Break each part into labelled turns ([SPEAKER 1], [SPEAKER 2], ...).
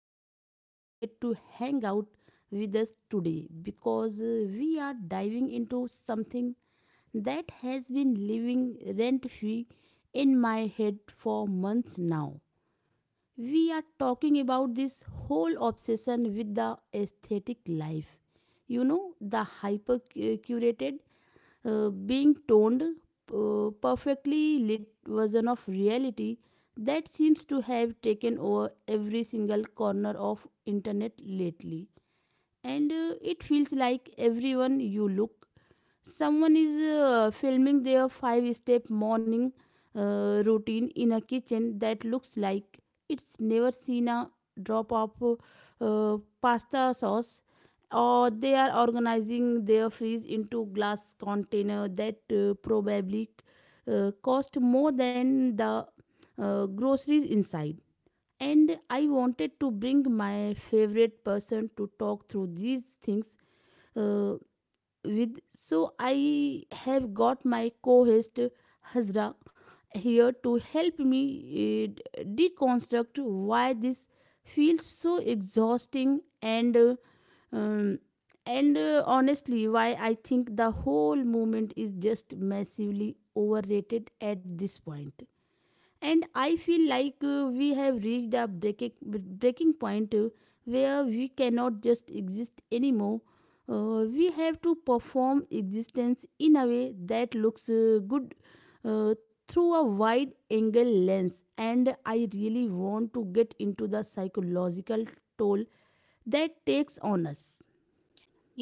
[SPEAKER 1] glad you decided to hang out with us today because we are diving into something that has been living rent free in my head for months now. We are talking about this whole obsession with the aesthetic life, you know, the hyper curated, being toned, perfectly lit version of reality that seems to have taken over every single corner of internet lately. And it feels like everyone you look, someone is filming their five step morning routine in a kitchen that looks like it's never seen a drop of pasta sauce, or they are organizing their fridge into glass container that probably cost more than the groceries inside. And I wanted to bring my favorite person to talk through these things uh, with. So I have got my co-host Hazra here to help me deconstruct why this feels so exhausting, and um, honestly why I think the whole movement is just massively overrated at this point. And I feel like we have reached a breaking point, where we cannot just exist anymore. We have to perform existence in a way that looks good uh, through a wide angle lens, and I really want to get into the psychological toll that takes on us.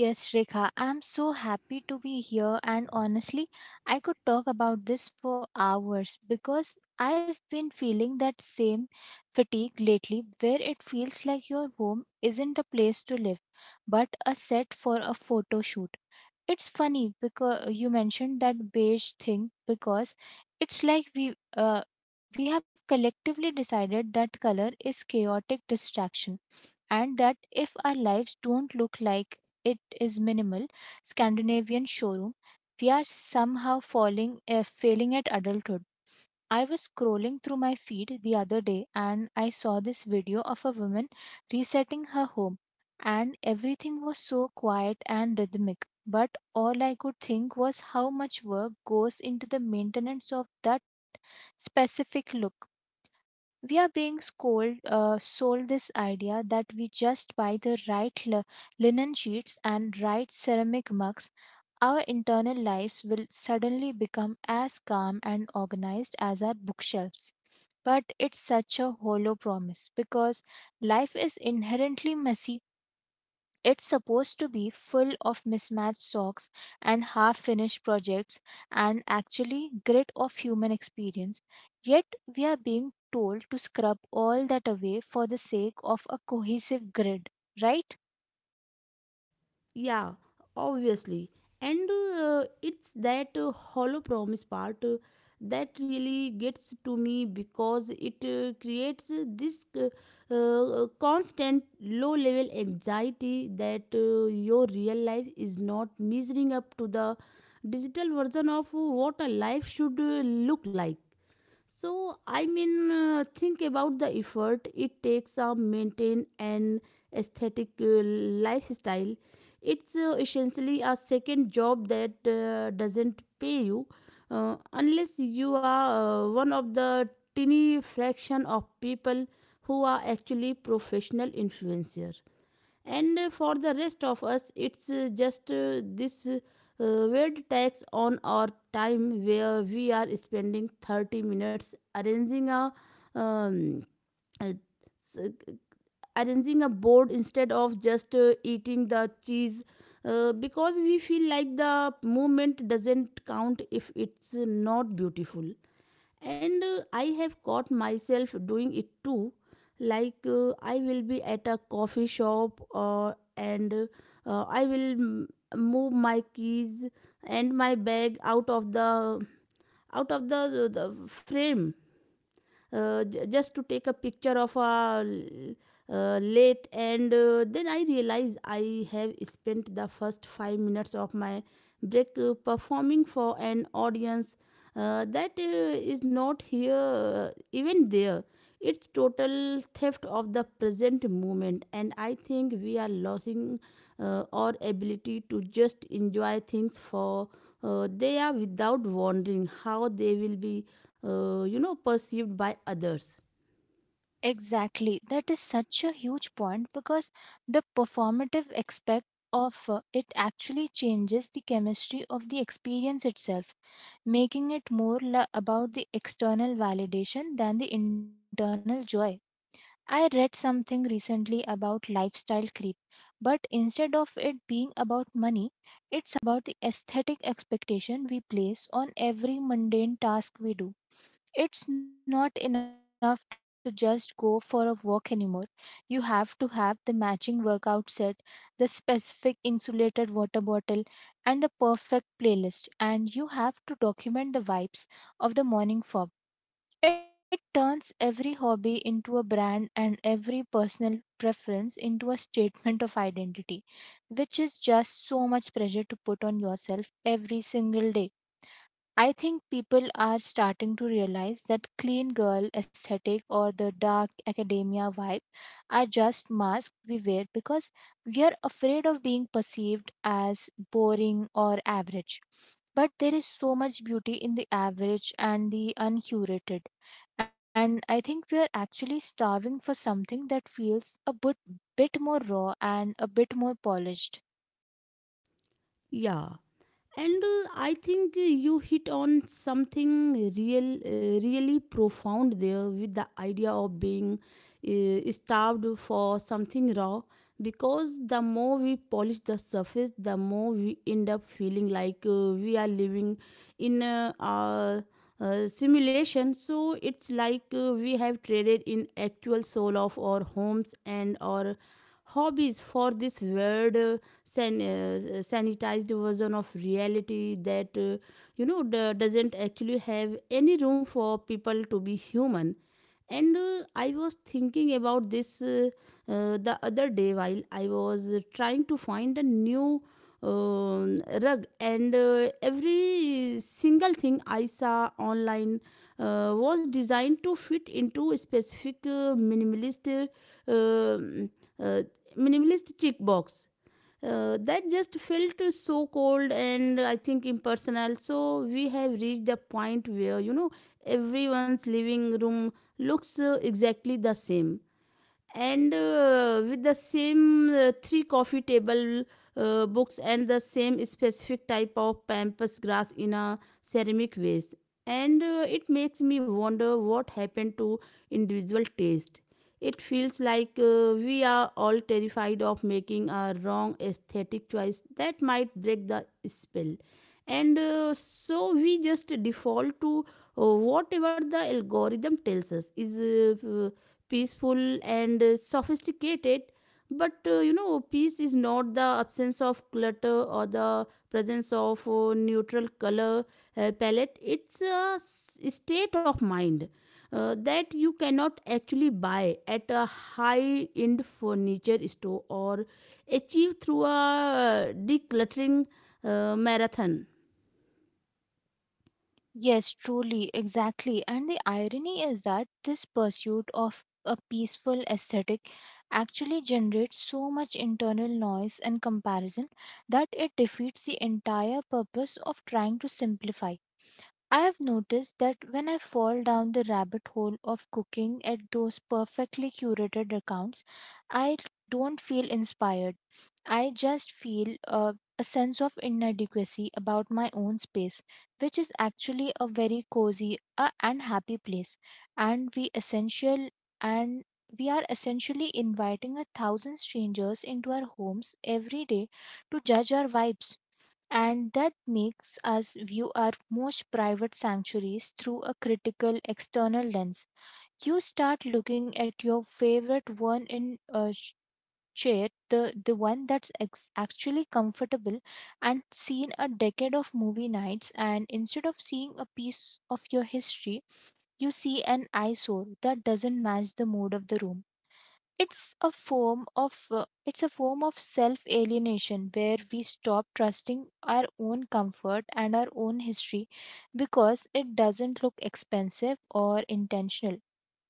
[SPEAKER 2] Yes, Rekha, I'm so happy to be here, and honestly, I could talk about this for hours because I've been feeling that same fatigue lately where it feels like your home isn't a place to live but a set for a photo shoot. It's funny because you mentioned that beige thing because it's like we have collectively decided that color is chaotic distraction and that if our lives don't look like it is minimal Scandinavian showroom, we are somehow falling failing at adulthood. I was scrolling through my feed the other day and I saw this video of a woman resetting her home, and everything was so quiet and rhythmic, but all I could think was how much work goes into the maintenance of that specific look. We are being sold this idea that we just buy the right linen sheets and right ceramic mugs, our internal lives will suddenly become as calm and organized as our bookshelves. But it's such a hollow promise because life is inherently messy. It's supposed to be full of mismatched socks and half finished projects and actually grit of human experience. Yet we are being told to scrub all that away for the sake of a cohesive grid, right?
[SPEAKER 1] Yeah, obviously. And it's that hollow promise part that really gets to me because it creates this constant low level anxiety that your real life is not measuring up to the digital version of what a life should look like. So I mean, think about the effort it takes to maintain an aesthetic lifestyle. It's essentially a second job that doesn't pay you, unless you are one of the tiny fraction of people who are actually professional influencers. And for the rest of us it's just this weird tax on our time where we are spending 30 minutes arranging a um, uh, s- arranging a board instead of just eating the cheese because we feel like the movement doesn't count if it's not beautiful. And I have caught myself doing it too. Like I will be at a coffee shop or and I will move my keys and my bag out of the the frame, just to take a picture of a late. And then I realize I have spent the first 5 minutes of my break performing for an audience that is not here even there. It's total theft of the present moment, and I think we are losing our ability to just enjoy things for they are without wondering how they will be, you know, perceived by others.
[SPEAKER 2] Exactly. That is such a huge point because the performative aspect of it actually changes the chemistry of the experience itself, making it more about the external validation than the internal joy. I read something recently about lifestyle creep, but instead of it being about money, it's about the aesthetic expectation we place on every mundane task we do. It's not enough to just go for a walk anymore. You have to have the matching workout set, the specific insulated water bottle, and the perfect playlist, and you have to document the vibes of the morning fog. It turns every hobby into a brand and every personal preference into a statement of identity, which is just so much pressure to put on yourself every single day. I think people are starting to realize that clean girl aesthetic or the dark academia vibe are just masks we wear because we are afraid of being perceived as boring or average. But there is so much beauty in the average and the uncurated. And I think we are actually starving for something that feels bit more raw and a bit more polished.
[SPEAKER 1] Yeah, and I think you hit on something really profound there with the idea of being starved for something raw, because the more we polish the surface the more we end up feeling like we are living in a, simulation. So it's like we have traded in actual soul of our homes and our hobbies for this weird sanitized version of reality that you know doesn't actually have any room for people to be human. And I was thinking about this the other day while I was trying to find a new uh, rug, and every single thing I saw online was designed to fit into specific minimalist uh, um, uh, minimalist check box that just felt so cold and I think impersonal. So we have reached a point where, you know, everyone's living room looks exactly the same, and with the same three coffee table books and the same specific type of pampas grass in a ceramic vase. And it makes me wonder what happened to individual taste. It feels like we are all terrified of making a wrong aesthetic choice that might break the spell, and so we just default to whatever the algorithm tells us is peaceful and sophisticated. But you know, peace is not the absence of clutter or the presence of neutral color palette. It's a state of mind that you cannot actually buy at a high end furniture store or achieve through a decluttering marathon.
[SPEAKER 2] Yes, truly, exactly. And the irony is that this pursuit of a peaceful aesthetic actually generates so much internal noise and comparison that it defeats the entire purpose of trying to simplify. I have noticed that when I fall down the rabbit hole of cooking at those perfectly curated accounts, I don't feel inspired. I just feel a sense of inadequacy about my own space, which is actually a very cozy and happy place. And we essential and we are essentially inviting a thousand strangers into our homes every day to judge our vibes, and that makes us view our most private sanctuaries through a critical external lens. You start looking at your favorite one in a sh- chair, the one that's actually comfortable, and seen a decade of movie nights, and instead of seeing a piece of your history, you see an eyesore that doesn't match the mood of the room. it's a form of uh, it's a form of self alienation where we stop trusting our own comfort and our own history because it doesn't look expensive or intentional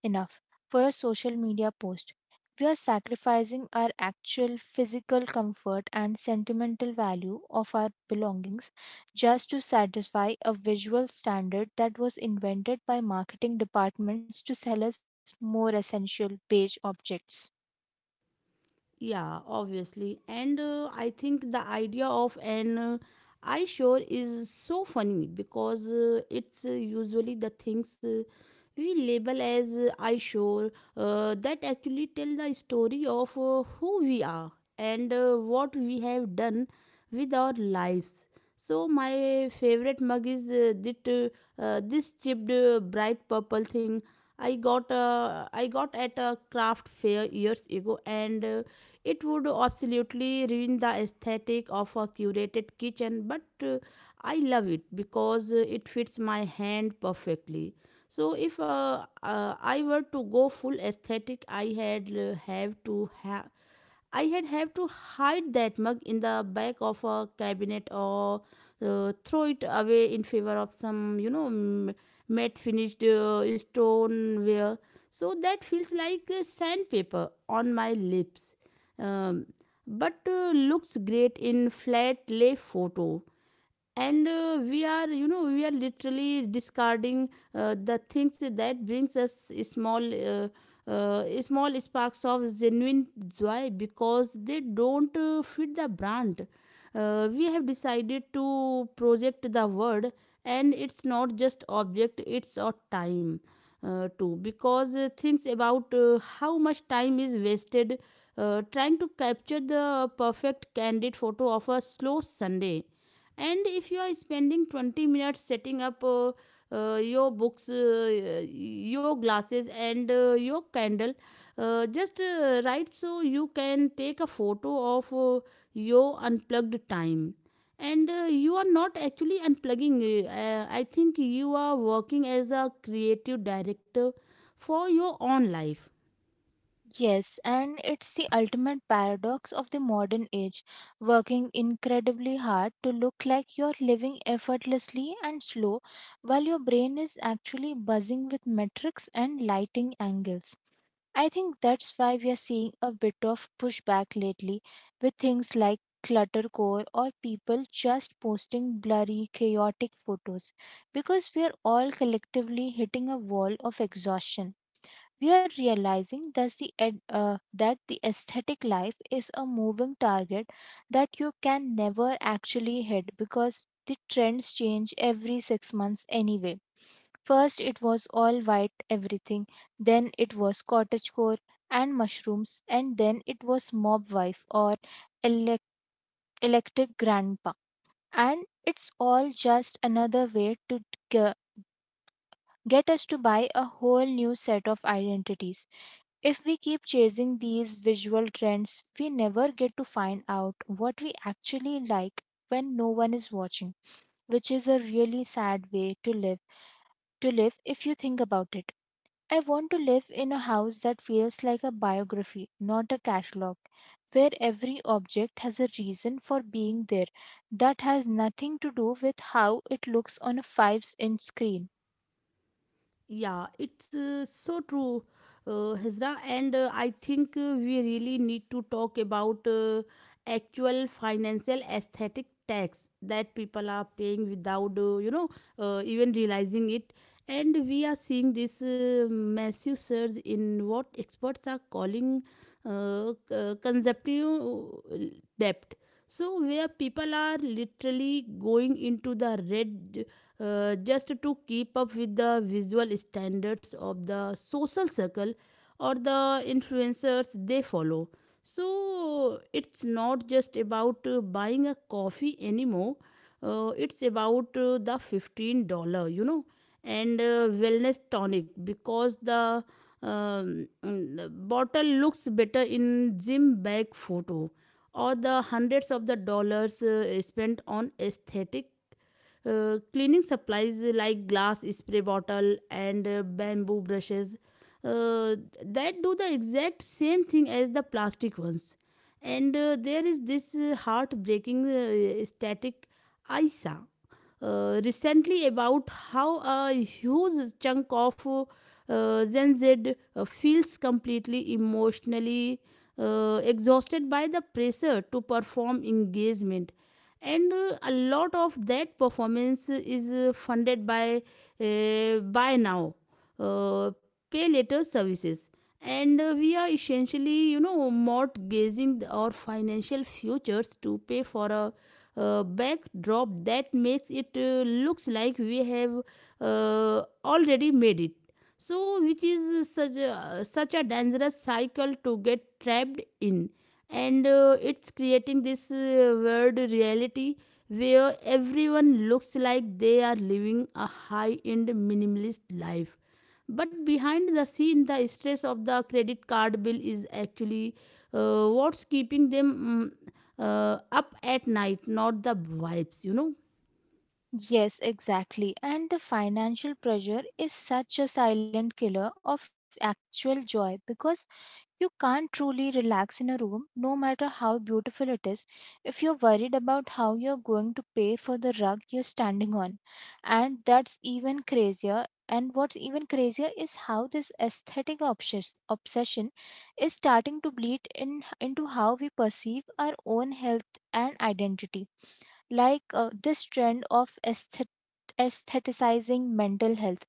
[SPEAKER 2] enough for a social media post. We are sacrificing our actual physical comfort and sentimental value of our belongings just to satisfy a visual standard that was invented by marketing departments to sell us more essential beige objects.
[SPEAKER 1] Yeah, obviously. And I think the idea of an eye shore is so funny because it's usually the things we label as eye shore that actually tell the story of who we are and what we have done with our lives. So my favorite mug is that this chipped bright purple thing I got at a craft fair years ago, and it would absolutely ruin the aesthetic of a curated kitchen. But I love it because it fits my hand perfectly. So if I were to go full aesthetic, I had have to hide that mug in the back of a cabinet, or throw it away in favor of some, you know, matte finished stoneware. So that feels like sandpaper on my lips, um, but looks great in flat lay photo. And we are, you know, we are literally discarding the things that brings us small sparks of genuine joy because they don't fit the brand we have decided to project the word. And it's not just object, it's a time too, because things about how much time is wasted trying to capture the perfect candid photo of a slow Sunday. And if you are spending 20 minutes setting up your books your glasses and your candle just write so you can take a photo of your unplugged time, and you are not actually unplugging, I think you are working as a creative director for your own life.
[SPEAKER 2] Yes, and it's the ultimate paradox of the modern age, working incredibly hard to look like you're living effortlessly and slow while your brain is actually buzzing with metrics and lighting angles. I think that's why we are seeing a bit of pushback lately with things like cluttercore or people just posting blurry, chaotic photos because we are all collectively hitting a wall of exhaustion. We are realizing that that the aesthetic life is a moving target that you can never actually hit because the trends change every 6 months anyway. First, it was all white everything, then it was cottagecore and mushrooms, and then it was mob wife or elec- electric grandpa. And it's all just another way to get us to buy a whole new set of identities. If we keep chasing these visual trends, we never get to find out what we actually like when no one is watching, which is a really sad way to live if you think about it. I want to live in a house that feels like a biography, not a catalog, where every object has a reason for being there that has nothing to do with how it looks on a 5-inch screen.
[SPEAKER 1] Yeah, it's so true, Hezra. And I think we really need to talk about actual financial aesthetic tax that people are paying without, you know, even realizing it. And we are seeing this massive surge in what experts are calling consumptive debt, so where people are literally going into the red just to keep up with the visual standards of the social circle or the influencers they follow. So it's not just about buying a coffee anymore. It's about the $15, you know, and wellness tonic, because the bottle looks better in gym bag photo, or the hundreds of the dollars spent on aesthetic cleaning supplies like glass spray bottle and bamboo brushes uh, that do the exact same thing as the plastic ones. And there is this heartbreaking static I saw recently about how a huge chunk of Gen Z feels completely emotionally exhausted by the pressure to perform engagement. And a lot of that performance is funded by now uh, pay later services. And we are essentially, you know, mortgaging our financial futures to pay for a backdrop that makes it looks like we have already made it, so which is such a dangerous cycle to get trapped in. And it's creating this weird reality where everyone looks like they are living a high end minimalist life, but behind the scene the stress of the credit card bill is actually what's keeping them mm, up at night, not the vibes, you know.
[SPEAKER 2] Yes, exactly. And the financial pressure is such a silent killer of actual joy because you can't truly relax in a room, no matter how beautiful it is, if you're worried about how you're going to pay for the rug you're standing on. And that's even crazier. And what's even crazier is how this aesthetic obsession is starting to bleed into how we perceive our own health and identity, like this trend of aestheticizing mental health.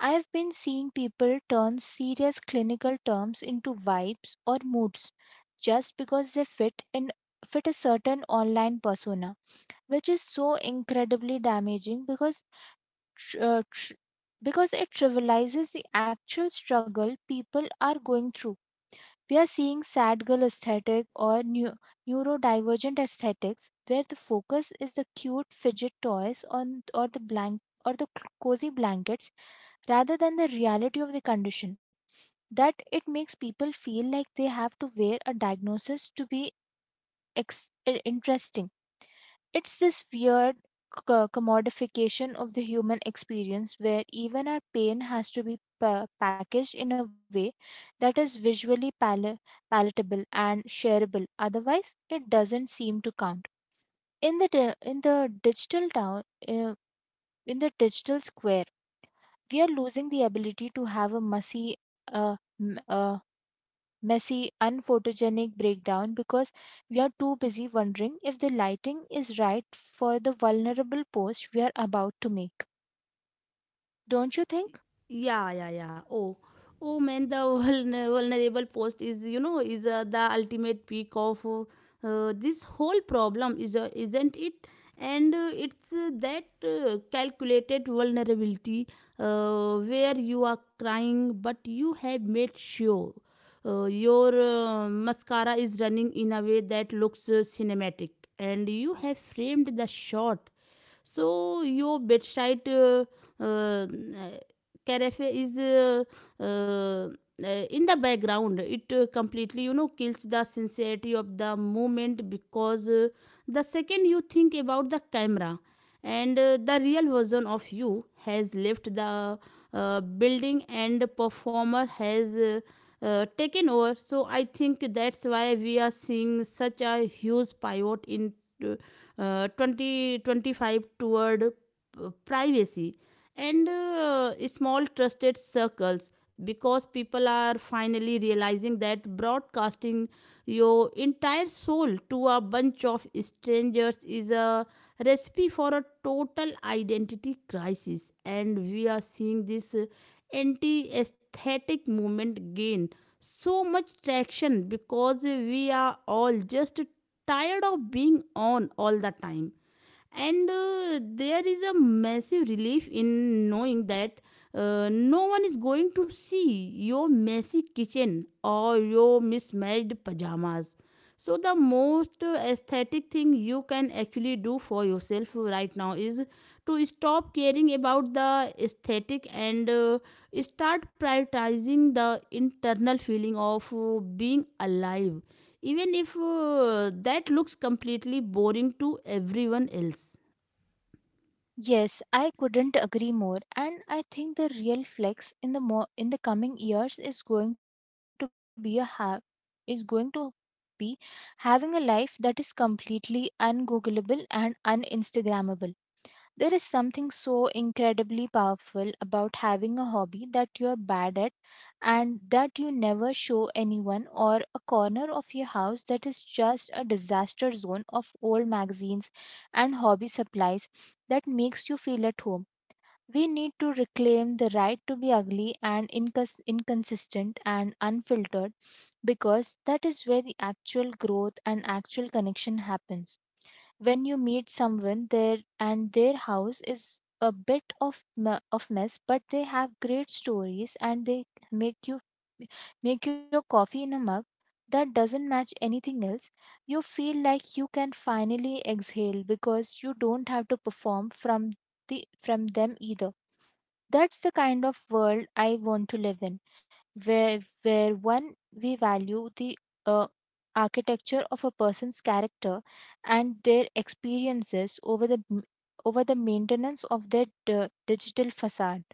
[SPEAKER 2] I've been seeing people turn serious clinical terms into vibes or moods just because they fit a certain online persona, which is so incredibly damaging because tr- uh, tr- because it trivializes the actual struggle people are going through. We are seeing sad girl aesthetic or neurodivergent aesthetics where the focus is the cute fidget toys on or the blank or the cozy blankets rather than the reality of the condition, that it makes people feel like they have to wear a diagnosis to be ex- interesting. It's this weird commodification of the human experience where even our pain has to be packaged in a way that is visually palatable and shareable. Otherwise, it doesn't seem to count. In the di- in the digital town, uh, in the digital square, we are losing the ability to have a uh, messy, unphotogenic breakdown because we are too busy wondering if the lighting is right for the vulnerable post we are about to make. Don't you think?
[SPEAKER 1] Yeah, yeah, yeah. Oh, oh man, the vulnerable post is, you know, is the ultimate peak of this whole problem, is isn't it? And it's that calculated vulnerability where you are crying, but you have made sure your mascara is running in a way that looks cinematic, and you have framed the shot so your bedside uh, carafe is in the background. It completely, you know, kills the sincerity of the moment, because the second you think about the camera, and the real version of you has left the building and performer has taken over. So I think that's why we are seeing such a huge pivot in 2025 toward privacy and small trusted circles, because people are finally realizing that broadcasting your entire soul to a bunch of strangers is a recipe for a total identity crisis, and we are seeing this anti aesthetic movement gain so much traction because we are all just tired of being on all the time. And there is a massive relief in knowing that no one is going to see your messy kitchen or your mismatched pajamas. So the most aesthetic thing you can actually do for yourself right now is to stop caring about the aesthetic and start prioritizing the internal feeling of being alive, even if that looks completely boring to everyone else.
[SPEAKER 2] Yes, I couldn't agree more, and I think the real flex in the coming years is going to be a ha- is going to be having a life that is completely ungoogleable and uninstagrammable. There is something so incredibly powerful about having a hobby that you're bad at and that you never show anyone, or a corner of your house that is just a disaster zone of old magazines and hobby supplies that makes you feel at home. We need to reclaim the right to be ugly and inconsistent and unfiltered because that is where the actual growth and actual connection happens. When you meet someone there and their house is a bit of mess, but they have great stories and they make you make your coffee in a mug that doesn't match anything else, you feel like you can finally exhale because you don't have to perform from the from them either. That's the kind of world I want to live in, where one we value the uh, architecture of a person's character and their experiences over the maintenance of their digital facade.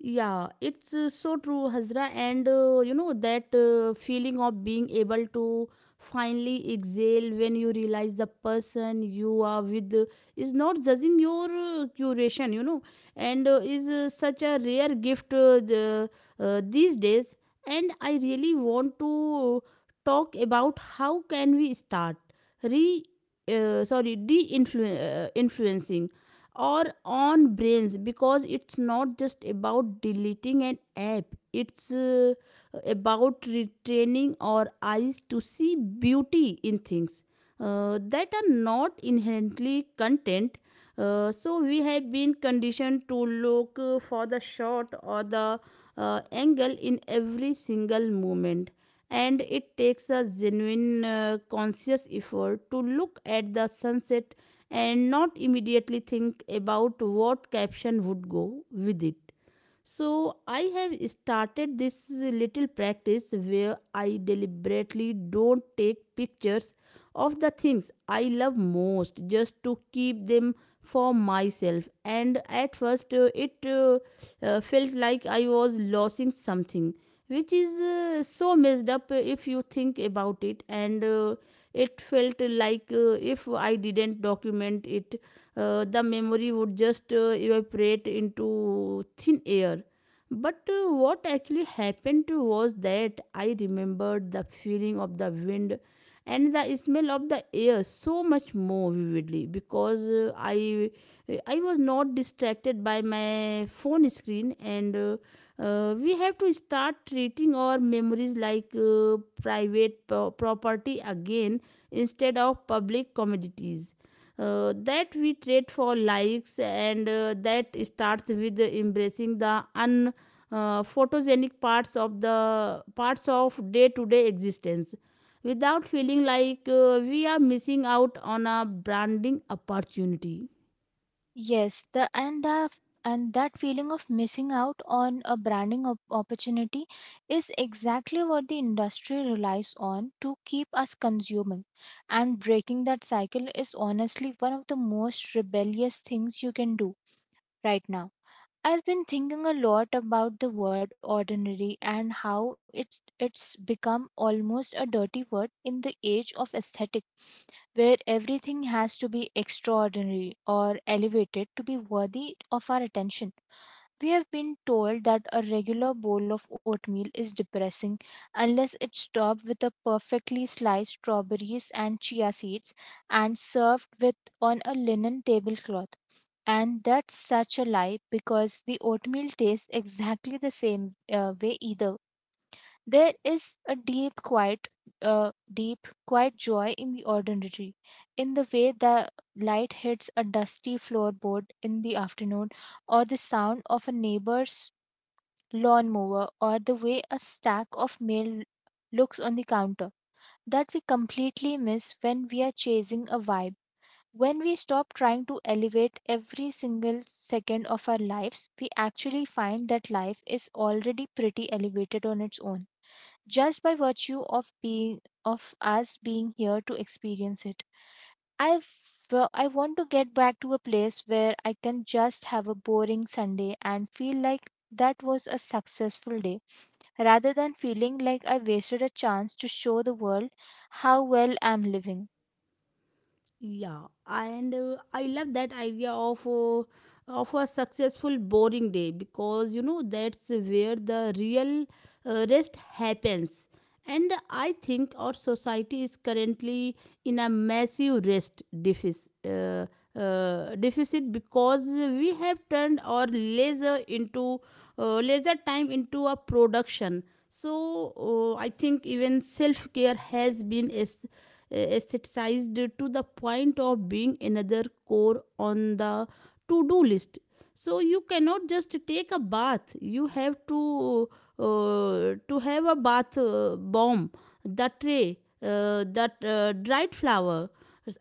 [SPEAKER 1] Yeah, it's so true, Hazra. And you know, that feeling of being able to finally exhale when you realize the person you are with is not judging your curation, you know, and is such a rare gift these days. And I really want to talk about how can we start re sorry de-influencing or on brains, because it's not just about deleting an app. It's about retraining our eyes to see beauty in things that are not inherently content. So we have been conditioned to look for the shot or the angle in every single moment. And it takes a genuine conscious effort to look at the sunset and not immediately think about what caption would go with it. So I have started this little practice where I deliberately don't take pictures of the things I love most, just to keep them for myself. And at first, it felt like I was losing something, which is so messed up if you think about it. And it felt like if I didn't document it, the memory would just evaporate into thin air. But what actually happened was that I remembered the feeling of the wind and the smell of the air so much more vividly, because I was not distracted by my phone screen, and we have to start treating our memories like property again instead of public commodities that we trade for likes. And that starts with embracing the un photogenic parts of day to day existence without feeling like we are missing out on a branding opportunity.
[SPEAKER 2] Yes, the and that feeling of missing out on a branding opportunity is exactly what the industry relies on to keep us consuming. And breaking that cycle is honestly one of the most rebellious things you can do right now. I've been thinking a lot about the word ordinary and how it's become almost a dirty word in the age of aesthetics where everything has to be extraordinary or elevated to be worthy of our attention. We have been told that a regular bowl of oatmeal is depressing unless it's topped with a perfectly sliced strawberries and chia seeds and served with on a linen tablecloth. And that's such a lie because the oatmeal tastes exactly the same way either. There is a deep, quiet joy in the ordinary, in the way the light hits a dusty floorboard in the afternoon, or the sound of a neighbor's lawnmower, or the way a stack of mail looks on the counter, that we completely miss when we are chasing a vibe. When we stop trying to elevate every single second of our lives, we actually find that life is already pretty elevated on its own just by virtue of being of us being here to experience it. I I want to get back to a place where I can just have a boring Sunday and feel like that was a successful day rather than feeling like I wasted a chance to show the world how well I'm living.
[SPEAKER 1] Yeah, and I love that idea of a successful boring day, because you know that's where the real rest happens. And I think our society is currently in a massive rest deficit, because we have turned our leisure time into a production. So I think even self care has been aestheticized to the point of being another core on the to do list. So you cannot just take a bath. You have to have a bath bomb, the tray, that dried flower,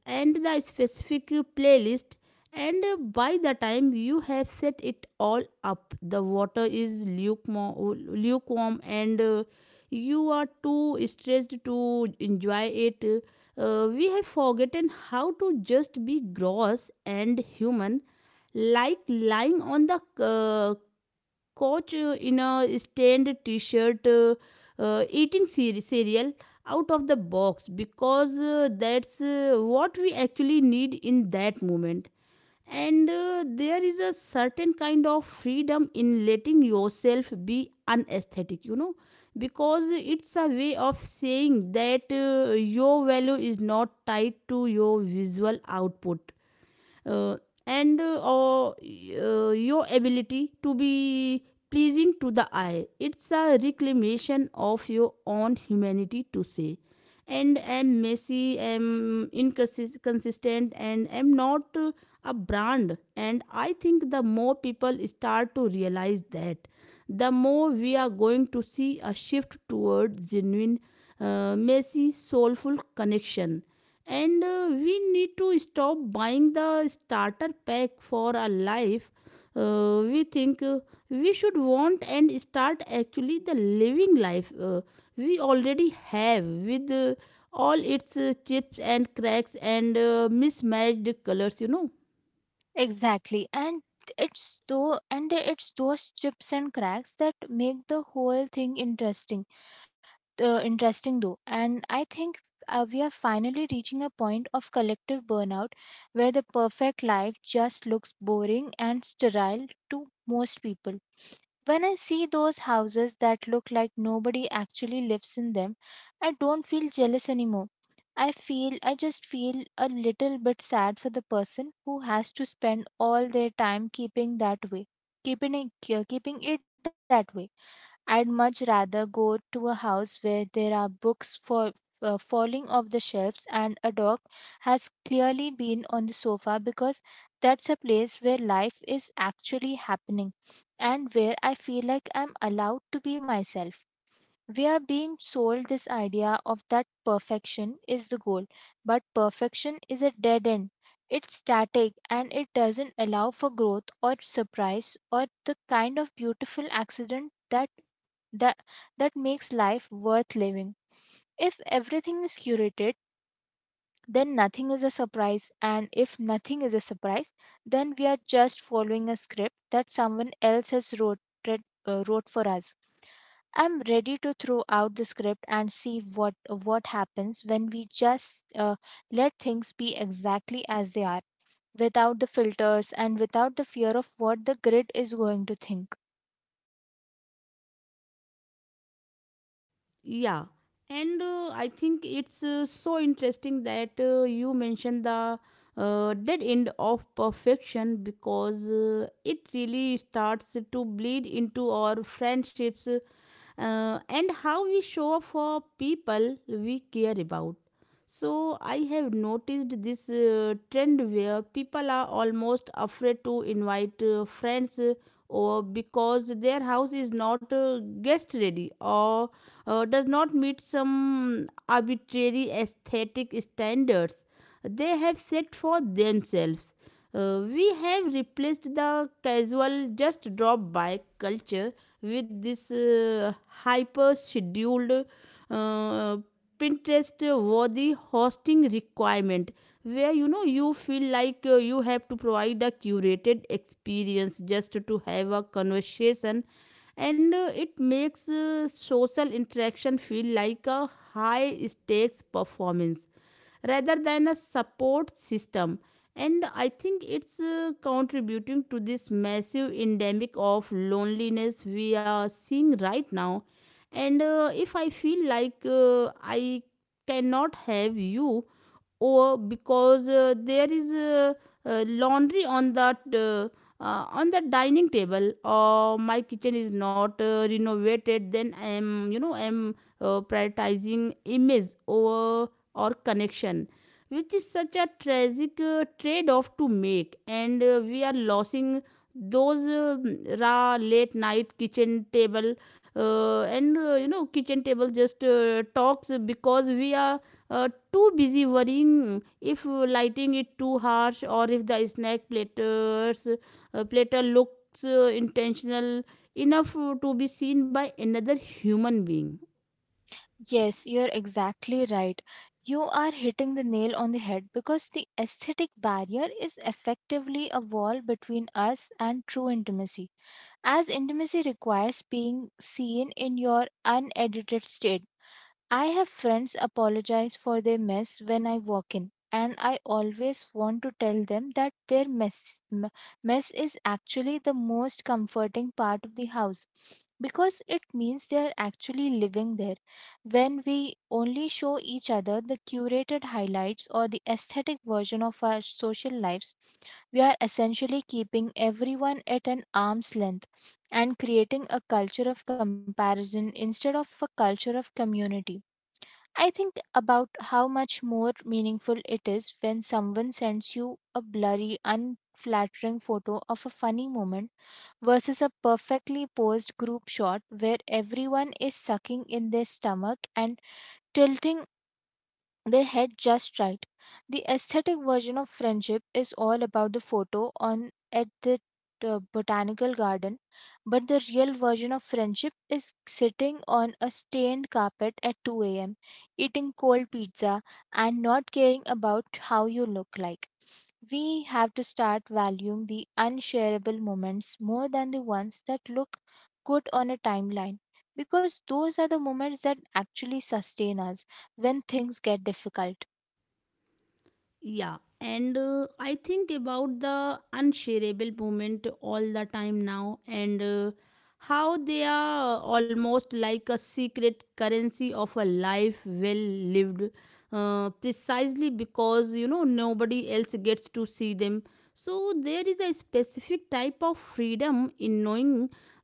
[SPEAKER 1] and the specific playlist. And by the time you have set it all up, the water is lukewarm and you are too stressed to enjoy it. We have forgotten how to just be gross and human, like lying on the couch in a stained t shirt, eating cereal out of the box, because that's what we actually need in that moment. And there is a certain kind of freedom in letting yourself be unaesthetic, you know, because it's a way of saying that your value is not tied to your visual output uh, and or your ability to be pleasing to the eye. It's a reclamation of your own humanity to say and am messy, am inconsistent, and am not a brand. And I think the more people start to realize that, the more we are going to see a shift toward genuine, messy, soulful connection. And we need to stop buying the starter pack for our life we think we should want, and start actually the living life we already have, with all its chips and cracks and mismatched colors, you know.
[SPEAKER 2] Exactly. And it's those chips and cracks that make the whole thing interesting interesting though. And I think we are finally reaching a point of collective burnout where the perfect life just looks boring and sterile to most people. When I see those houses that look like nobody actually lives in them, I don't feel jealous anymore. I just feel a little bit sad for the person who has to spend all their time keeping it, keeping it that way. I'd much rather go to a house where there are books for falling off the shelves and a dog has clearly been on the sofa, because that's a place where life is actually happening and where I feel like I'm allowed to be myself. We are being sold this idea of that perfection is the goal, but perfection is a dead end. It's static and it doesn't allow for growth or surprise or the kind of beautiful accident that that makes life worth living. If everything is curated, then nothing is a surprise, and if nothing is a surprise, then we are just following a script that someone else has wrote for us. I'm ready to throw out the script and see what happens when we just let things be exactly as they are, without the filters and without the fear of what the grid is going to think.
[SPEAKER 1] Yeah, and I think it's so interesting that you mentioned the dead end of perfection, because it really starts to bleed into our friendships and how we show up for people we care about. So, I have noticed this trend where people are almost afraid to invite friends or because their house is not guest ready or does not meet some arbitrary aesthetic standards they have set for themselves. We have replaced the casual just drop by culture with this hyper scheduled uh, Pinterest worthy hosting requirement where, you know, you feel like you have to provide a curated experience just to have a conversation. And it makes social interaction feel like a high stakes performance rather than a support system, and I think it's contributing to this massive endemic of loneliness we are seeing right now. And if I feel like I cannot have you or because there is laundry on that on the dining table, or my kitchen is not renovated, then I am, you know, I am prioritizing image over or connection, which is such a tragic trade off to make. And we are losing those raw late night kitchen table and you know kitchen table just talks, because we are too busy worrying if lighting it too harsh or if the snack platter looks intentional enough to be seen by another human being.
[SPEAKER 2] Yes, you're exactly right. You are hitting the nail on the head because the aesthetic barrier is effectively a wall between us and true intimacy. As intimacy requires being seen in your unedited state. I have friends apologize for their mess when I walk in, and I always want to tell them that their m- mess is actually the most comforting part of the house because it means they are actually living there. When we only show each other the curated highlights or the aesthetic version of our social lives, we are essentially keeping everyone at an arm's length and creating a culture of comparison instead of a culture of community. I think about how much more meaningful it is when someone sends you a blurry, unflattering photo of a funny moment versus a perfectly posed group shot where everyone is sucking in their stomach and tilting they had just right. The aesthetic version of friendship is all about the photo on at the botanical garden, but the real version of friendship is sitting on a stained carpet at 2 a.m., eating cold pizza and not caring about how you look like. We have to start valuing the unshareable moments more than the ones that look good on a timeline, because those are the moments that actually sustain us when things get difficult.
[SPEAKER 1] Yeah, and I think about the unshareable moment all the time now, and how they are almost like a secret currency of a life well lived, precisely because, you know, nobody else gets to see them. So there is a specific type of freedom in knowing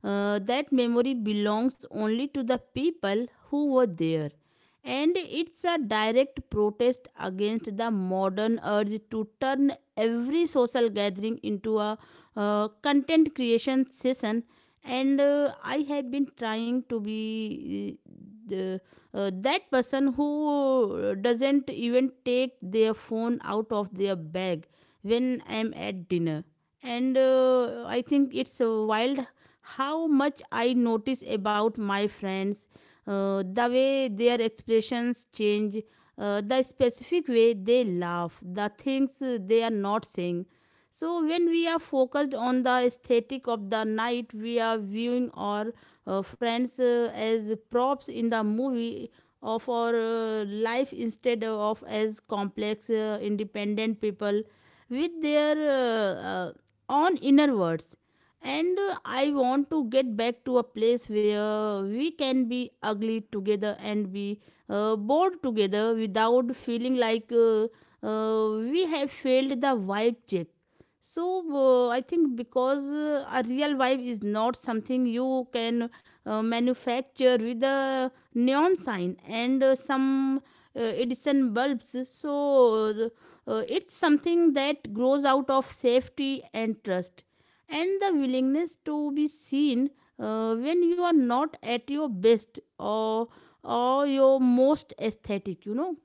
[SPEAKER 1] that memory belongs only to the people who were there. And it's a direct protest against the modern urge to turn every social gathering into a content creation session. And I have been trying to be the, that person who doesn't even take their phone out of their bag when I'm at dinner. And I think it's wild how much I notice about my friends, the way their expressions change, the specific way they laugh, the things they are not saying. So when we are focused on the aesthetic of the night, we are viewing our friends as props in the movie of our life instead of as complex, independent people with their own inner words. And I want to get back to a place where we can be ugly together and be bored together without feeling like we have failed the vibe check. So I think because a real vibe is not something you can manufacture with a neon sign and some Edison bulbs. So it's something that grows out of safety and trust and the willingness to be seen when you are not at your best or your most aesthetic. You know.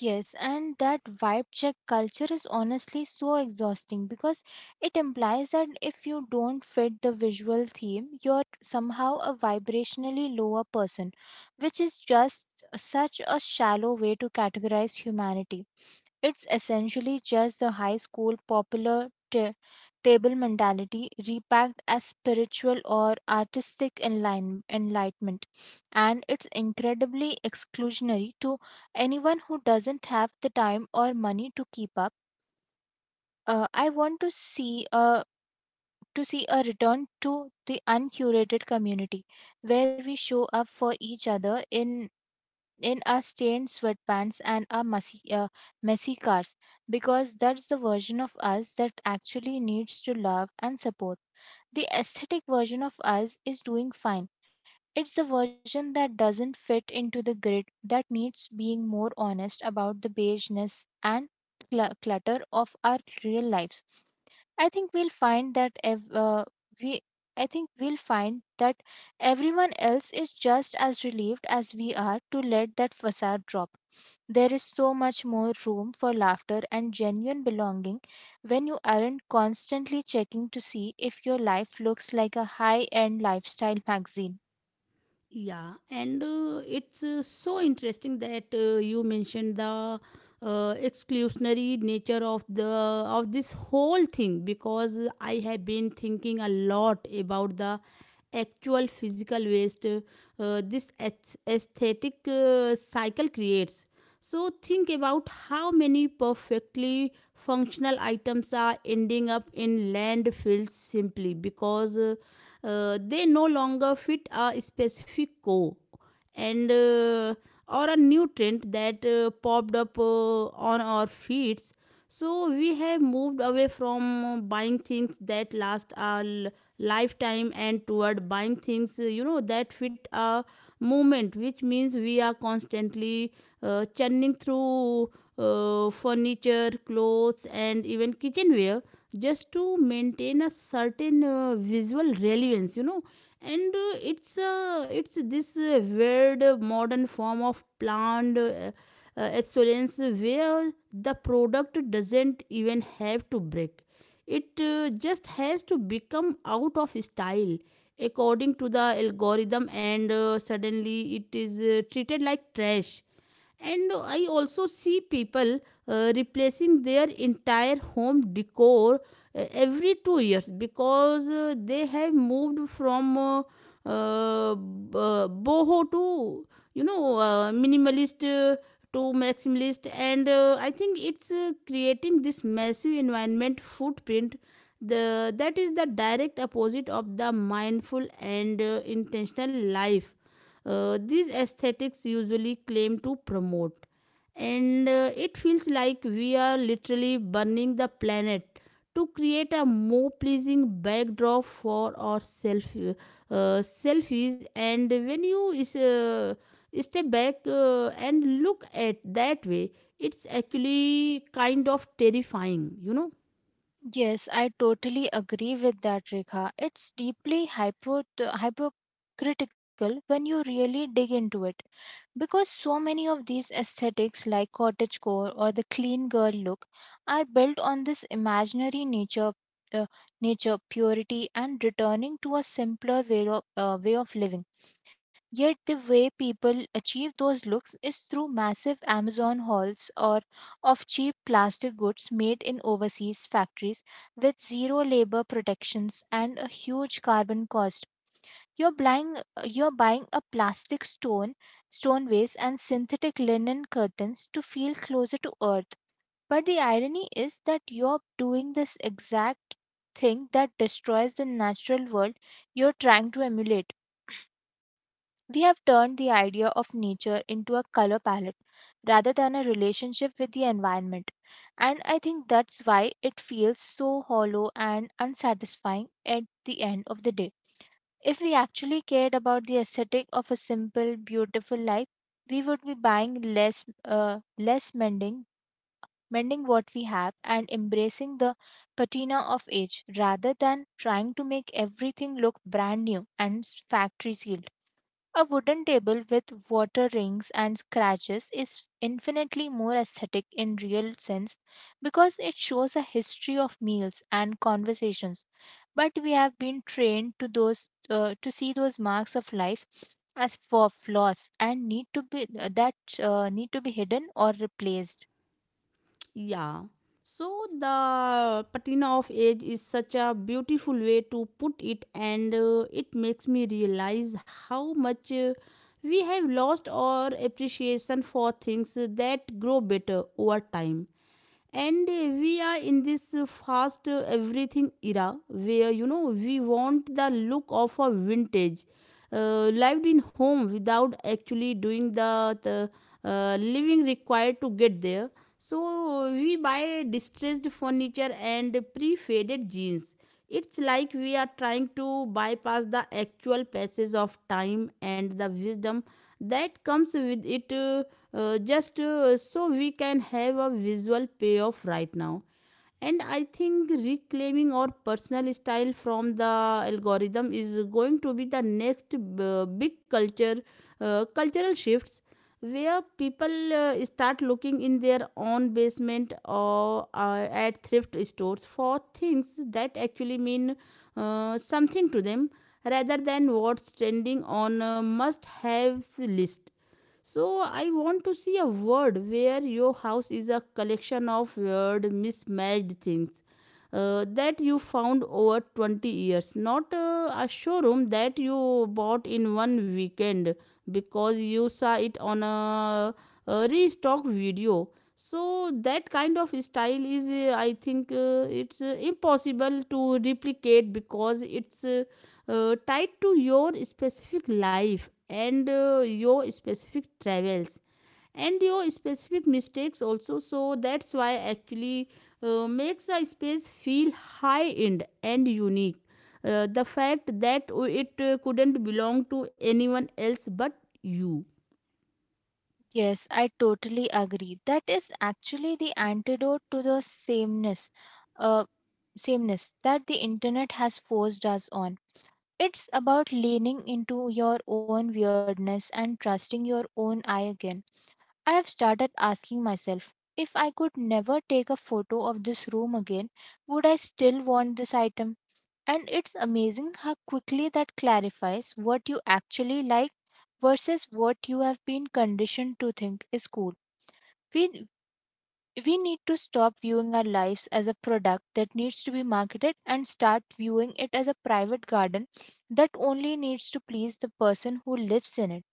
[SPEAKER 2] Yes, and that vibe check culture is honestly so exhausting because it implies that if you don't fit the visual theme, you're somehow a vibrationally lower person, which is just such a shallow way to categorize humanity. It's essentially just the high school popular table mentality repacked as spiritual or artistic enlightenment, and it's incredibly exclusionary to anyone who doesn't have the time or money to keep up. I want to see a return to the uncurated community where we show up for each other in a stained sweatpants and a messy cars, because that's the version of us that actually needs to love and support. The aesthetic version of us is doing fine. It's the version that doesn't fit into the grid that needs being more honest about the beigeness and clutter of our real lives. I think we'll find that ev- uh, we I think we'll find that everyone else is just as relieved as we are to let that facade drop. There is so much more room for laughter and genuine belonging when you aren't constantly checking to see if your life looks like a high end lifestyle magazine.
[SPEAKER 1] Yeah, and it's so interesting that you mentioned the exclusionary nature of the of this whole thing, because I have been thinking a lot about the actual physical waste this aesthetic cycle creates. So think about how many perfectly functional items are ending up in landfills simply because they no longer fit a specific core and or a new trend that popped up on our feeds. So we have moved away from buying things that last a lifetime and toward buying things that fit a moment, which means we are constantly churning through furniture, clothes, and even kitchenware just to maintain a certain visual relevance, you know. And it's It's this weird modern form of planned obsolescence, where the product doesn't even have to break. It just has to become out of style according to the algorithm, and suddenly it is treated like trash. And i also see people replacing their entire home decor every 2 years because they have moved from boho to, minimalist to maximalist. And I think it's creating this massive environment footprint the that is the direct opposite of the mindful and intentional life these aesthetics usually claim to promote. And it feels like we are literally burning the planet to create a more pleasing backdrop for our selfies. And when you step back and look at that way, it's actually kind of terrifying, you know.
[SPEAKER 2] Yes, I totally agree with that, Rekha. It's deeply hypocritical when you really dig into it. Because so many of these aesthetics, like cottagecore or the clean girl look, are built on this imaginary uh, nature purity, and returning to a simpler way way of living. Yet the way people achieve those looks is through massive Amazon hauls or of cheap plastic goods made in overseas factories with zero labor protections and a huge carbon cost. You're buying you're buying a stone vase and synthetic linen curtains to feel closer to earth. But the irony is that you're doing this exact thing that destroys the natural world you're trying to emulate. We have turned the idea of nature into a color palette rather than a relationship with the environment. And I think that's why it feels so hollow and unsatisfying at the end of the day. If we actually cared about the aesthetic of a simple, beautiful life, we would be buying less, less mending, mending what we have, and embracing the patina of age rather than trying to make everything look brand new and factory sealed. A wooden table with water rings and scratches is infinitely more aesthetic in real sense because it shows a history of meals and conversations. But we have been trained to those to see those marks of life as for flaws and need to be that need to be hidden or replaced.
[SPEAKER 1] Yeah. So the patina of age is such a beautiful way to put it, and it makes me realize how much we have lost our appreciation for things that grow better over time. And we are in this fast everything era where, you know, we want the look of a vintage lived in home without actually doing the living required to get there. So we buy distressed furniture and pre-faded jeans. It's like we are trying to bypass the actual passage of time and the wisdom that comes with it, just so we can have a visual payoff right now. And I think reclaiming our personal style from the algorithm is going to be the next big culture cultural shifts, where people start looking in their own basement or at thrift stores for things that actually mean something to them, rather than what's trending on a must have list. So I want to see a world where your house is a collection of weird, mismatched things that you found over 20 years, not a showroom that you bought in one weekend because you saw it on a restock video. So that kind of style is, I think, it's impossible to replicate because it's tied to your specific life and your specific travels and your specific mistakes also, so that's why actually makes a space feel high end and unique, the fact that it couldn't belong to anyone else but you.
[SPEAKER 2] Yes, I totally agree. That is actually the antidote to the uh, sameness that the internet has forced us on. It's about leaning into your own weirdness and trusting your own eye again. I have started asking myself, if I could never take a photo of this room again, would I still want this item? And it's amazing how quickly that clarifies what you actually like versus what you have been conditioned to think is cool. We we need to stop viewing our lives as a product that needs to be marketed and start viewing it as a private garden that only needs to please the person who lives in it.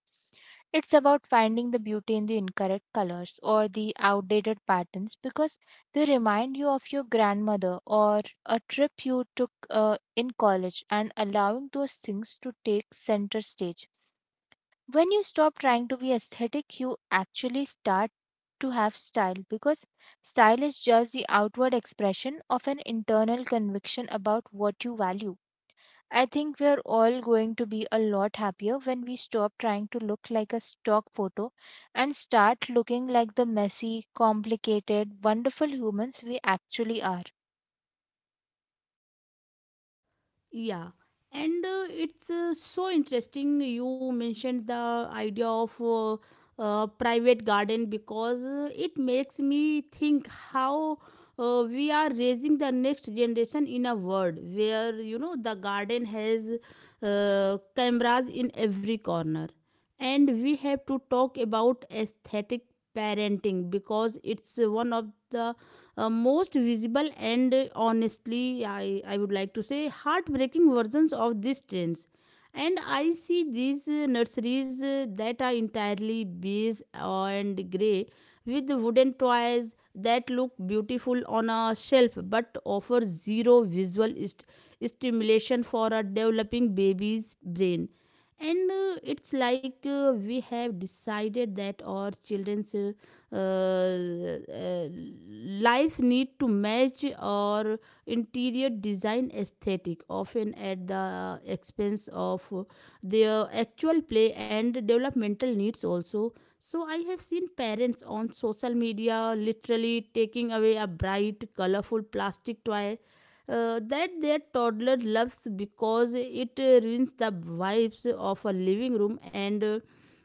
[SPEAKER 2] It's about finding the beauty in the incorrect colors or the outdated patterns because they remind you of your grandmother or a trip you took in college, and allowing those things to take center stage. When you stop trying to be aesthetic, you actually start to have style, because style is just the outward expression of an internal conviction about what you value. I think we're all going to be a lot happier when we stop trying to look like a stock photo and start looking like the messy, complicated, wonderful humans we actually are.
[SPEAKER 1] Yeah, and it's so interesting you mentioned the idea of private garden, because it makes me think how we are raising the next generation in a world where, you know, the garden has cameras in every corner. And we have to talk about aesthetic parenting because it's one of the most visible and, honestly, I would like to say, heartbreaking versions of these trends. And I see these nurseries that are entirely beige and grey, with the wooden toys that look beautiful on a shelf but offer zero visual stimulation for a developing baby's brain. And it's like we have decided that our children's uh, lives need to match our interior design aesthetic, often at the expense of their actual play and developmental needs also. So I have seen parents on social media literally taking away a bright, colorful plastic toy that their toddler loves because it ruins the vibes of a living room, and uh,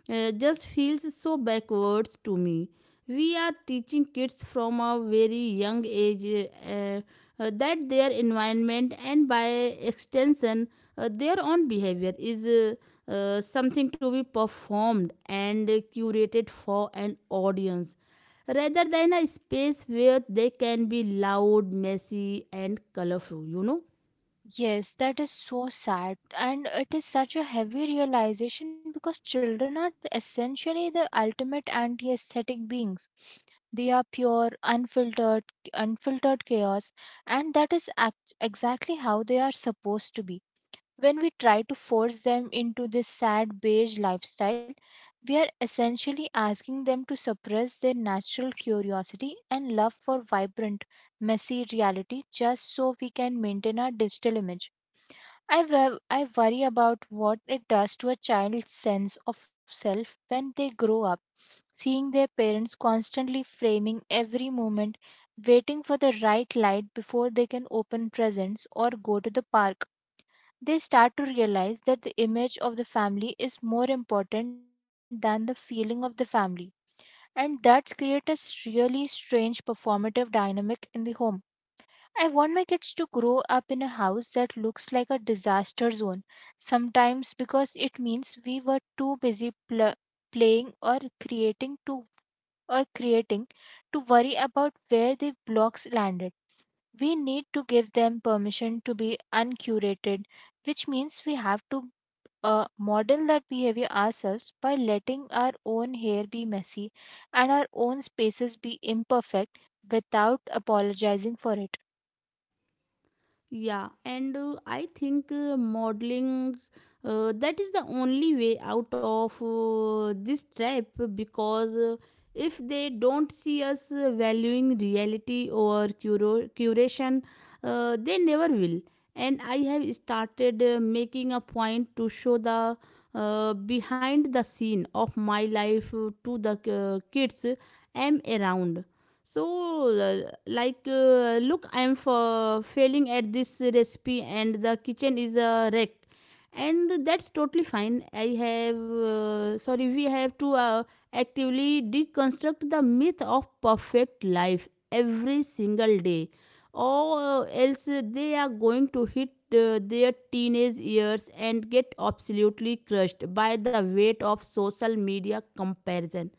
[SPEAKER 1] uh, just feels so backwards to me. We are teaching kids from a very young age that their environment, and by extension their own behavior, is something to be performed and curated for an audience, rather than a space where they can be loud, messy, and colorful, you know.
[SPEAKER 2] Yes, that is so sad, and it is such a heavy realization because children are essentially the ultimate anti-aesthetic beings. They are pure, unfiltered chaos, and that is exactly how they are supposed to be. When we try to force them into this sad beige lifestyle, we are essentially asking them to suppress their natural curiosity and love for vibrant, messy reality just so we can maintain our digital image. I worry about what it does to a child's sense of self when they grow up, seeing their parents constantly framing every moment, waiting for the right light before they can open presents or go to the park. They start to realize that the image of the family is more important than the feeling of the family, and that creates a really strange performative dynamic in the home. I want my kids to grow up in a house that looks like a disaster zone sometimes because it means we were too busy playing or creating to worry about where the blocks landed. We need to give them permission to be uncurated, which means we have to model that behavior ourselves by letting our own hair be messy and our own spaces be imperfect without apologizing for it.
[SPEAKER 1] Yeah, and I think modeling that is the only way out of this trap, because if they don't see us valuing reality or curation, they never will. And I have started making a point to show the behind the scene of my life to the kids I'm around, so like, look, I am for failing at this recipe and the kitchen is a wreck, and that's totally fine. I have Sorry, we have to actively deconstruct the myth of perfect life every single day, or else they are going to hit their teenage years and get absolutely crushed by the weight of social media comparison.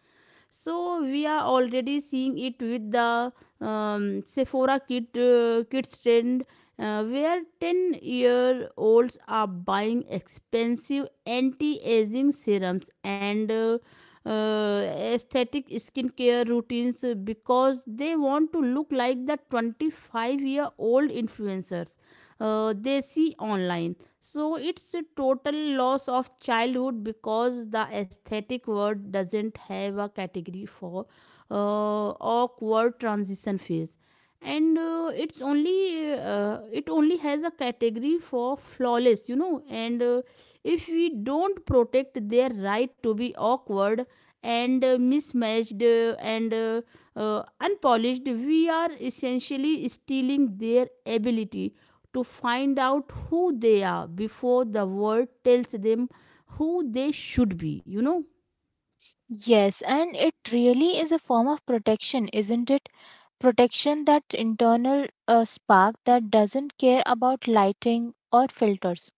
[SPEAKER 1] So we are already seeing it with the Sephora kids trend, where 10-year-olds are buying expensive anti aging serums and uh, aesthetic skincare routines because they want to look like the 25-year-old influencers they see online. So it's a total loss of childhood, because the aesthetic word doesn't have a category for uh, awkward transition phase, and it only has a category for flawless, you know. And if we don't protect their right to be awkward and mismatched and unpolished, we are essentially stealing their ability to find out who they are before the world tells them who they should be, you know.
[SPEAKER 2] Yes, and it really is a form of protection, isn't it? Protection that internal spark that doesn't care about lighting or filters.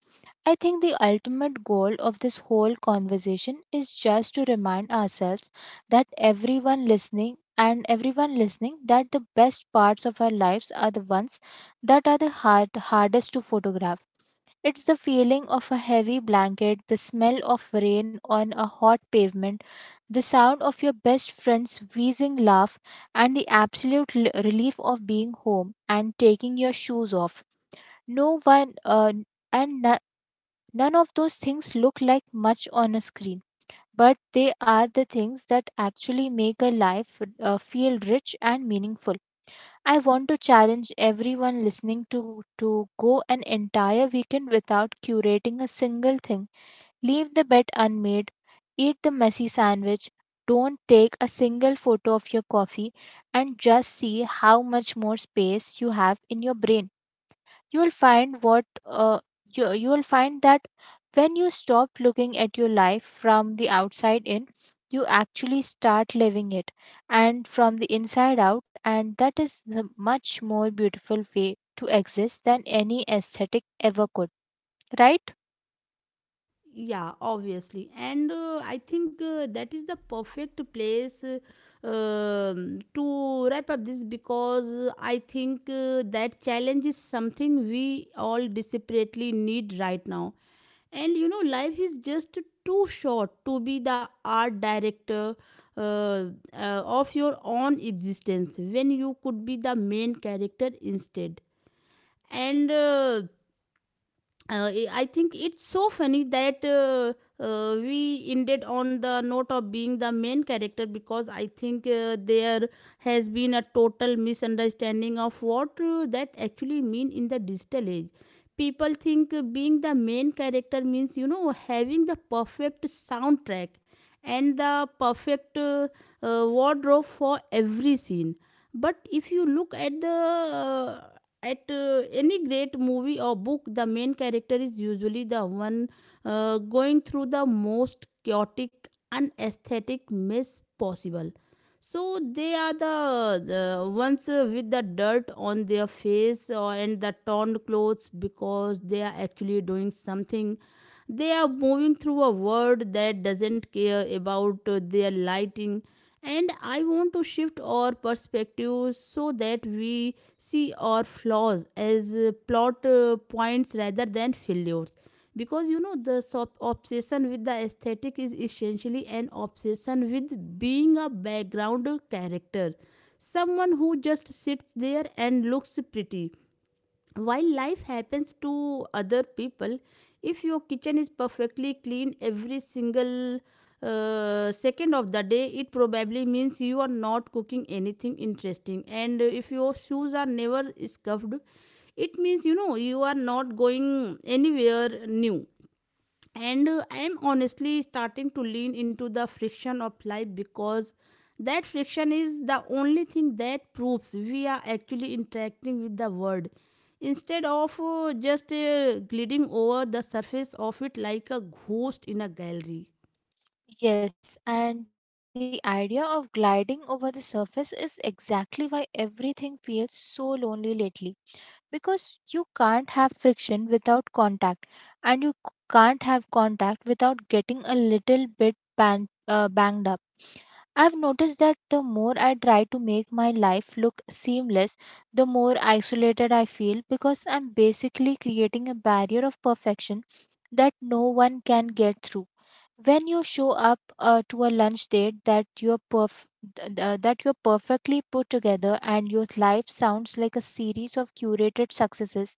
[SPEAKER 2] I think the ultimate goal of this whole conversation is just to remind ourselves that everyone listening that the best parts of our lives are the ones that are the hardest to photograph. It's the feeling of a heavy blanket, the smell of rain on a hot pavement, the sound of your best friend's wheezing laugh, and the absolute relief of being home and taking your shoes off. No one and no- none of those things look like much on a screen, but they are the things that actually make a life feel rich and meaningful. I want to challenge everyone listening to go an entire weekend without curating a single thing. Leave the bed unmade, eat the messy sandwich, don't take a single photo of your coffee, and just see how much more space you have in your brain. You will find what you, you will find that when you stop looking at your life from the outside in, you actually start living it and from the inside out, and that is a much more beautiful way to exist than any aesthetic ever could, right?
[SPEAKER 1] Yeah, obviously. And I think that is the perfect place, to wrap up this, because I think that challenge is something we all desperately need right now. And, you know, life is just too short to be the art director uh, uh, of your own existence when you could be the main character instead. And I think it's so funny that we ended on the note of being the main character, because I think there has been a total misunderstanding of what that actually mean in the digital age. People think being the main character means, you know, having the perfect soundtrack and the perfect wardrobe for every scene. But if you look at the uh, at any great movie or book, the main character is usually the one going through the most chaotic, unesthetic mess possible. So they are the ones with the dirt on their face or and the torn clothes, because they are actually doing something. They are moving through a world that doesn't care about their lighting. And I want to shift our perspective so that we see our flaws as plot points rather than failures. Because, you know, the obsession with the aesthetic is essentially an obsession with being a background character, someone who just sits there and looks pretty while life happens to other people. If your kitchen is perfectly clean every single second of the day, it probably means you are not cooking anything interesting. And if your shoes are never scuffed, it means, you know, you are not going anywhere new. And I'm honestly starting to lean into the friction of life, because that friction is the only thing that proves we are actually interacting with the world, instead of just gliding over the surface of it like a ghost in a gallery.
[SPEAKER 2] Yes, and the idea of gliding over the surface is exactly why everything feels so lonely lately, because you can't have friction without contact, and you can't have contact without getting a little bit banged up. I've noticed that the more I try to make my life look seamless, the more isolated I feel, because I'm basically creating a barrier of perfection that no one can get through. When you show up to a lunch date that you're perfectly put together and your life sounds like a series of curated successes,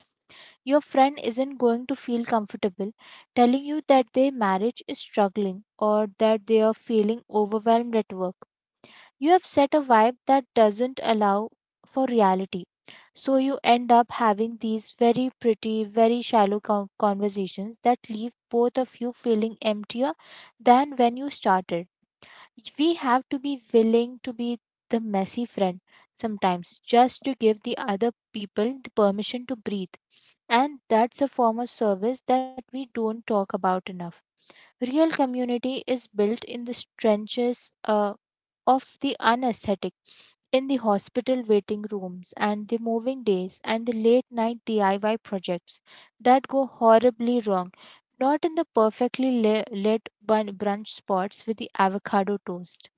[SPEAKER 2] your friend isn't going to feel comfortable telling you that their marriage is struggling or that they are feeling overwhelmed at work. You have set a vibe that doesn't allow for reality. So you end up having these very pretty, very shallow conversations that leave both of you feeling emptier than when you started. We have to be willing to be the messy friend sometimes just to give the other people the permission to breathe. And that's a form of service that we don't talk about enough. Real community is built in the trenches of the unaesthetic, in the hospital waiting rooms, and the moving days, and the late night DIY projects that go horribly wrong. Not in the perfectly lit brunch spots with the avocado toast.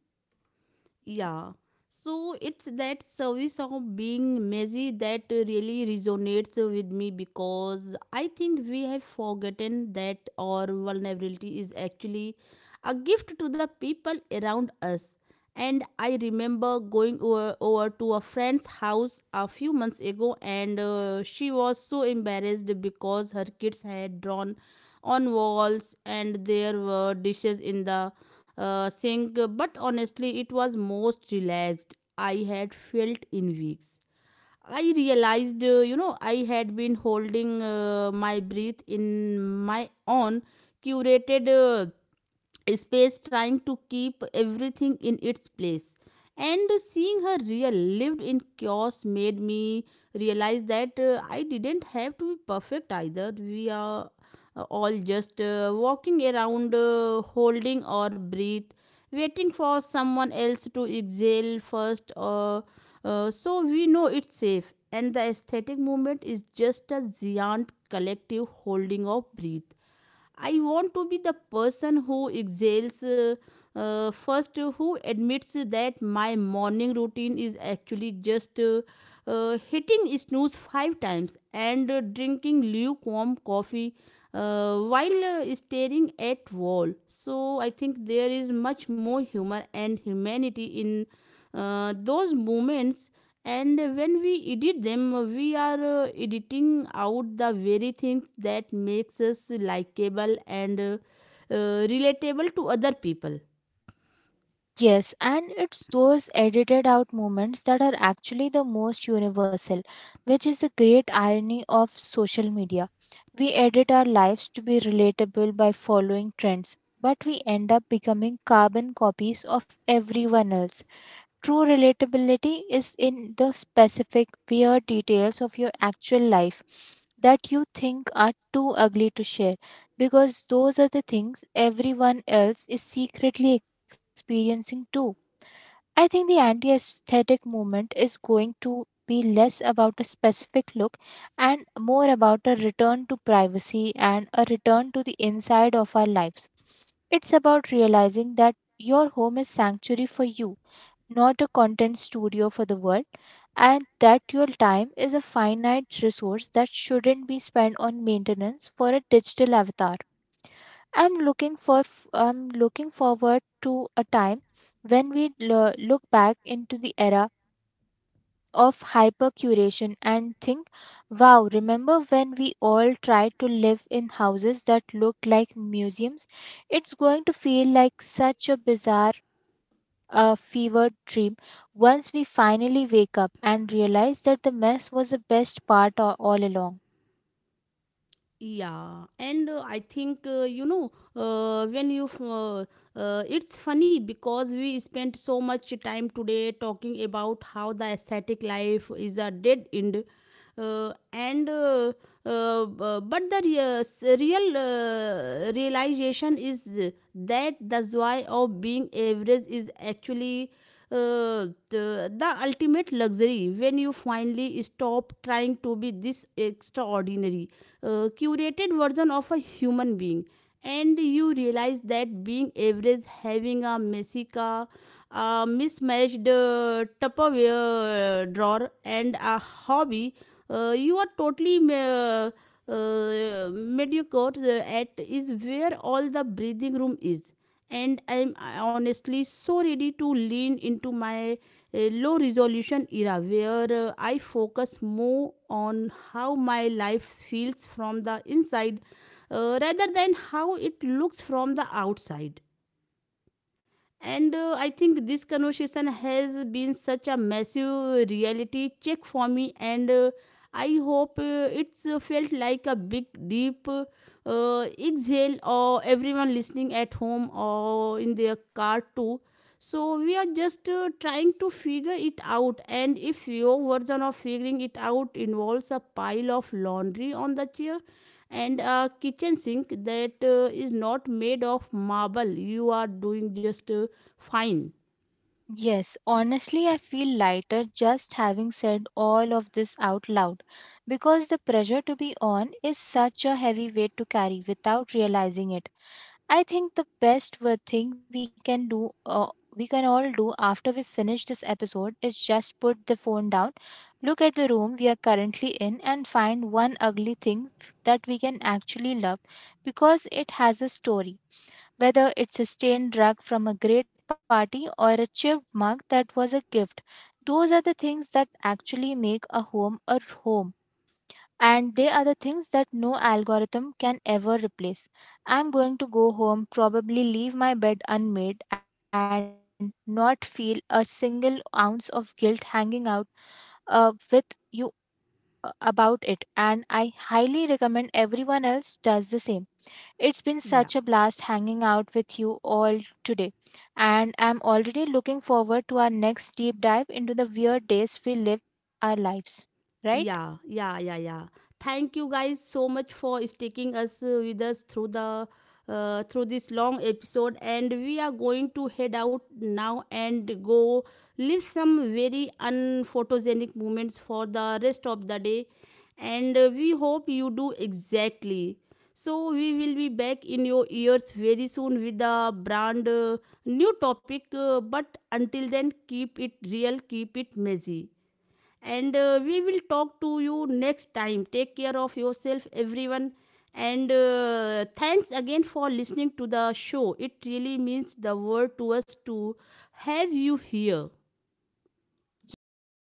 [SPEAKER 1] Yeah. So it's that service of being messy that really resonates with me, because I think we have forgotten that our vulnerability is actually a gift to the people around us. And I remember going over to a friend's house a few months ago, and she was so embarrassed because her kids had drawn on walls and there were dishes in the sank, but honestly, it was most relaxed I had felt in weeks. I realized, you know, I had been holding my breath in my own curated space, trying to keep everything in its place. And seeing her real lived in chaos made me realize that I didn't have to be perfect either. We are all just walking around, holding or breathe, waiting for someone else to exhale first, so we know it's safe. And the aesthetic movement is just a giant collective holding of breath. I want to be the person who exhales first, who admits that my morning routine is actually just hitting snooze five times and drinking lukewarm coffee while staring at wall. So I think there is much more humor and humanity in those moments, and when we edit them, we are editing out the very things that makes us likable and relatable to other people.
[SPEAKER 2] Yes, and it's those edited out moments that are actually the most universal, which is the great irony of social media. We edit our lives to be relatable by following trends, but we end up becoming carbon copies of everyone else. True relatability is in the specific, weird details of your actual life that you think are too ugly to share, because those are the things everyone else is secretly experiencing too. I think the anti aesthetic movement is going to be less about a specific look and more about a return to privacy and a return to the inside of our lives. It's about realizing that your home is sanctuary for you, not a content studio for the world, and that your time is a finite resource that shouldn't be spent on maintenance for a digital avatar. I'm looking forward to a time when we look back into the era of hyper curation and think, wow, remember when we all tried to live in houses that looked like museums? It's going to feel like such a bizarre fever dream once we finally wake up and realize that the mess was the best part all along.
[SPEAKER 1] Yeah, and I think, you know when you f- it's funny because we spent so much time today talking about how the aesthetic life is a dead end, uh, and uh, but the real realization is that the joy of being average is actually the ultimate luxury. When you finally stop trying to be this extraordinary, curated version of a human being, and you realize that being average, having a messy car, a mismatched tupperware drawer, and a hobby you are totally mediocre at, is where all the breathing room is. And I am honestly so ready to lean into my low resolution era, where I focus more on how my life feels from the inside rather than how it looks from the outside. And I think this conversation has been such a massive reality check for me, and I hope it's felt like a big, deep exhale, or everyone listening at home or in their car too. So we are just trying to figure it out, and if your version of figuring it out involves a pile of laundry on the chair, and a kitchen sink that is not made of marble, you are doing just fine.
[SPEAKER 2] Yes, honestly, I feel lighter just having said all of this out loud, because the pressure to be on is such a heavy weight to carry without realizing it. I think the best thing we can all do after we finish this episode is just put the phone down. Look at the room we are currently in and find one ugly thing that we can actually love, because it has a story. Whether it's a stained rug from a great party or a chipped mug that was a gift, those are the things that actually make a home a home. And they are the things that no algorithm can ever replace. I'm going to go home, probably leave my bed unmade, and not feel a single ounce of guilt hanging out with you about it, and I highly recommend everyone else does the same. It's been
[SPEAKER 1] Yeah.
[SPEAKER 2] such a blast hanging out with you all today, and I'm already looking forward to our next deep dive into the weird days we live our lives. Right?
[SPEAKER 1] Yeah, yeah, yeah, yeah. Thank you guys so much for sticking us with us through the through this long episode, and we are going to head out now and go live some very unphotogenic moments for the rest of the day. And we hope you do exactly. So we will be back in your ears very soon with a brand new topic, but until then, keep it real, keep it messy. And we will talk to you next time. Take care of yourself, everyone. And thanks again for listening to the show. It really means the world to us to have you here.
[SPEAKER 2] Yes,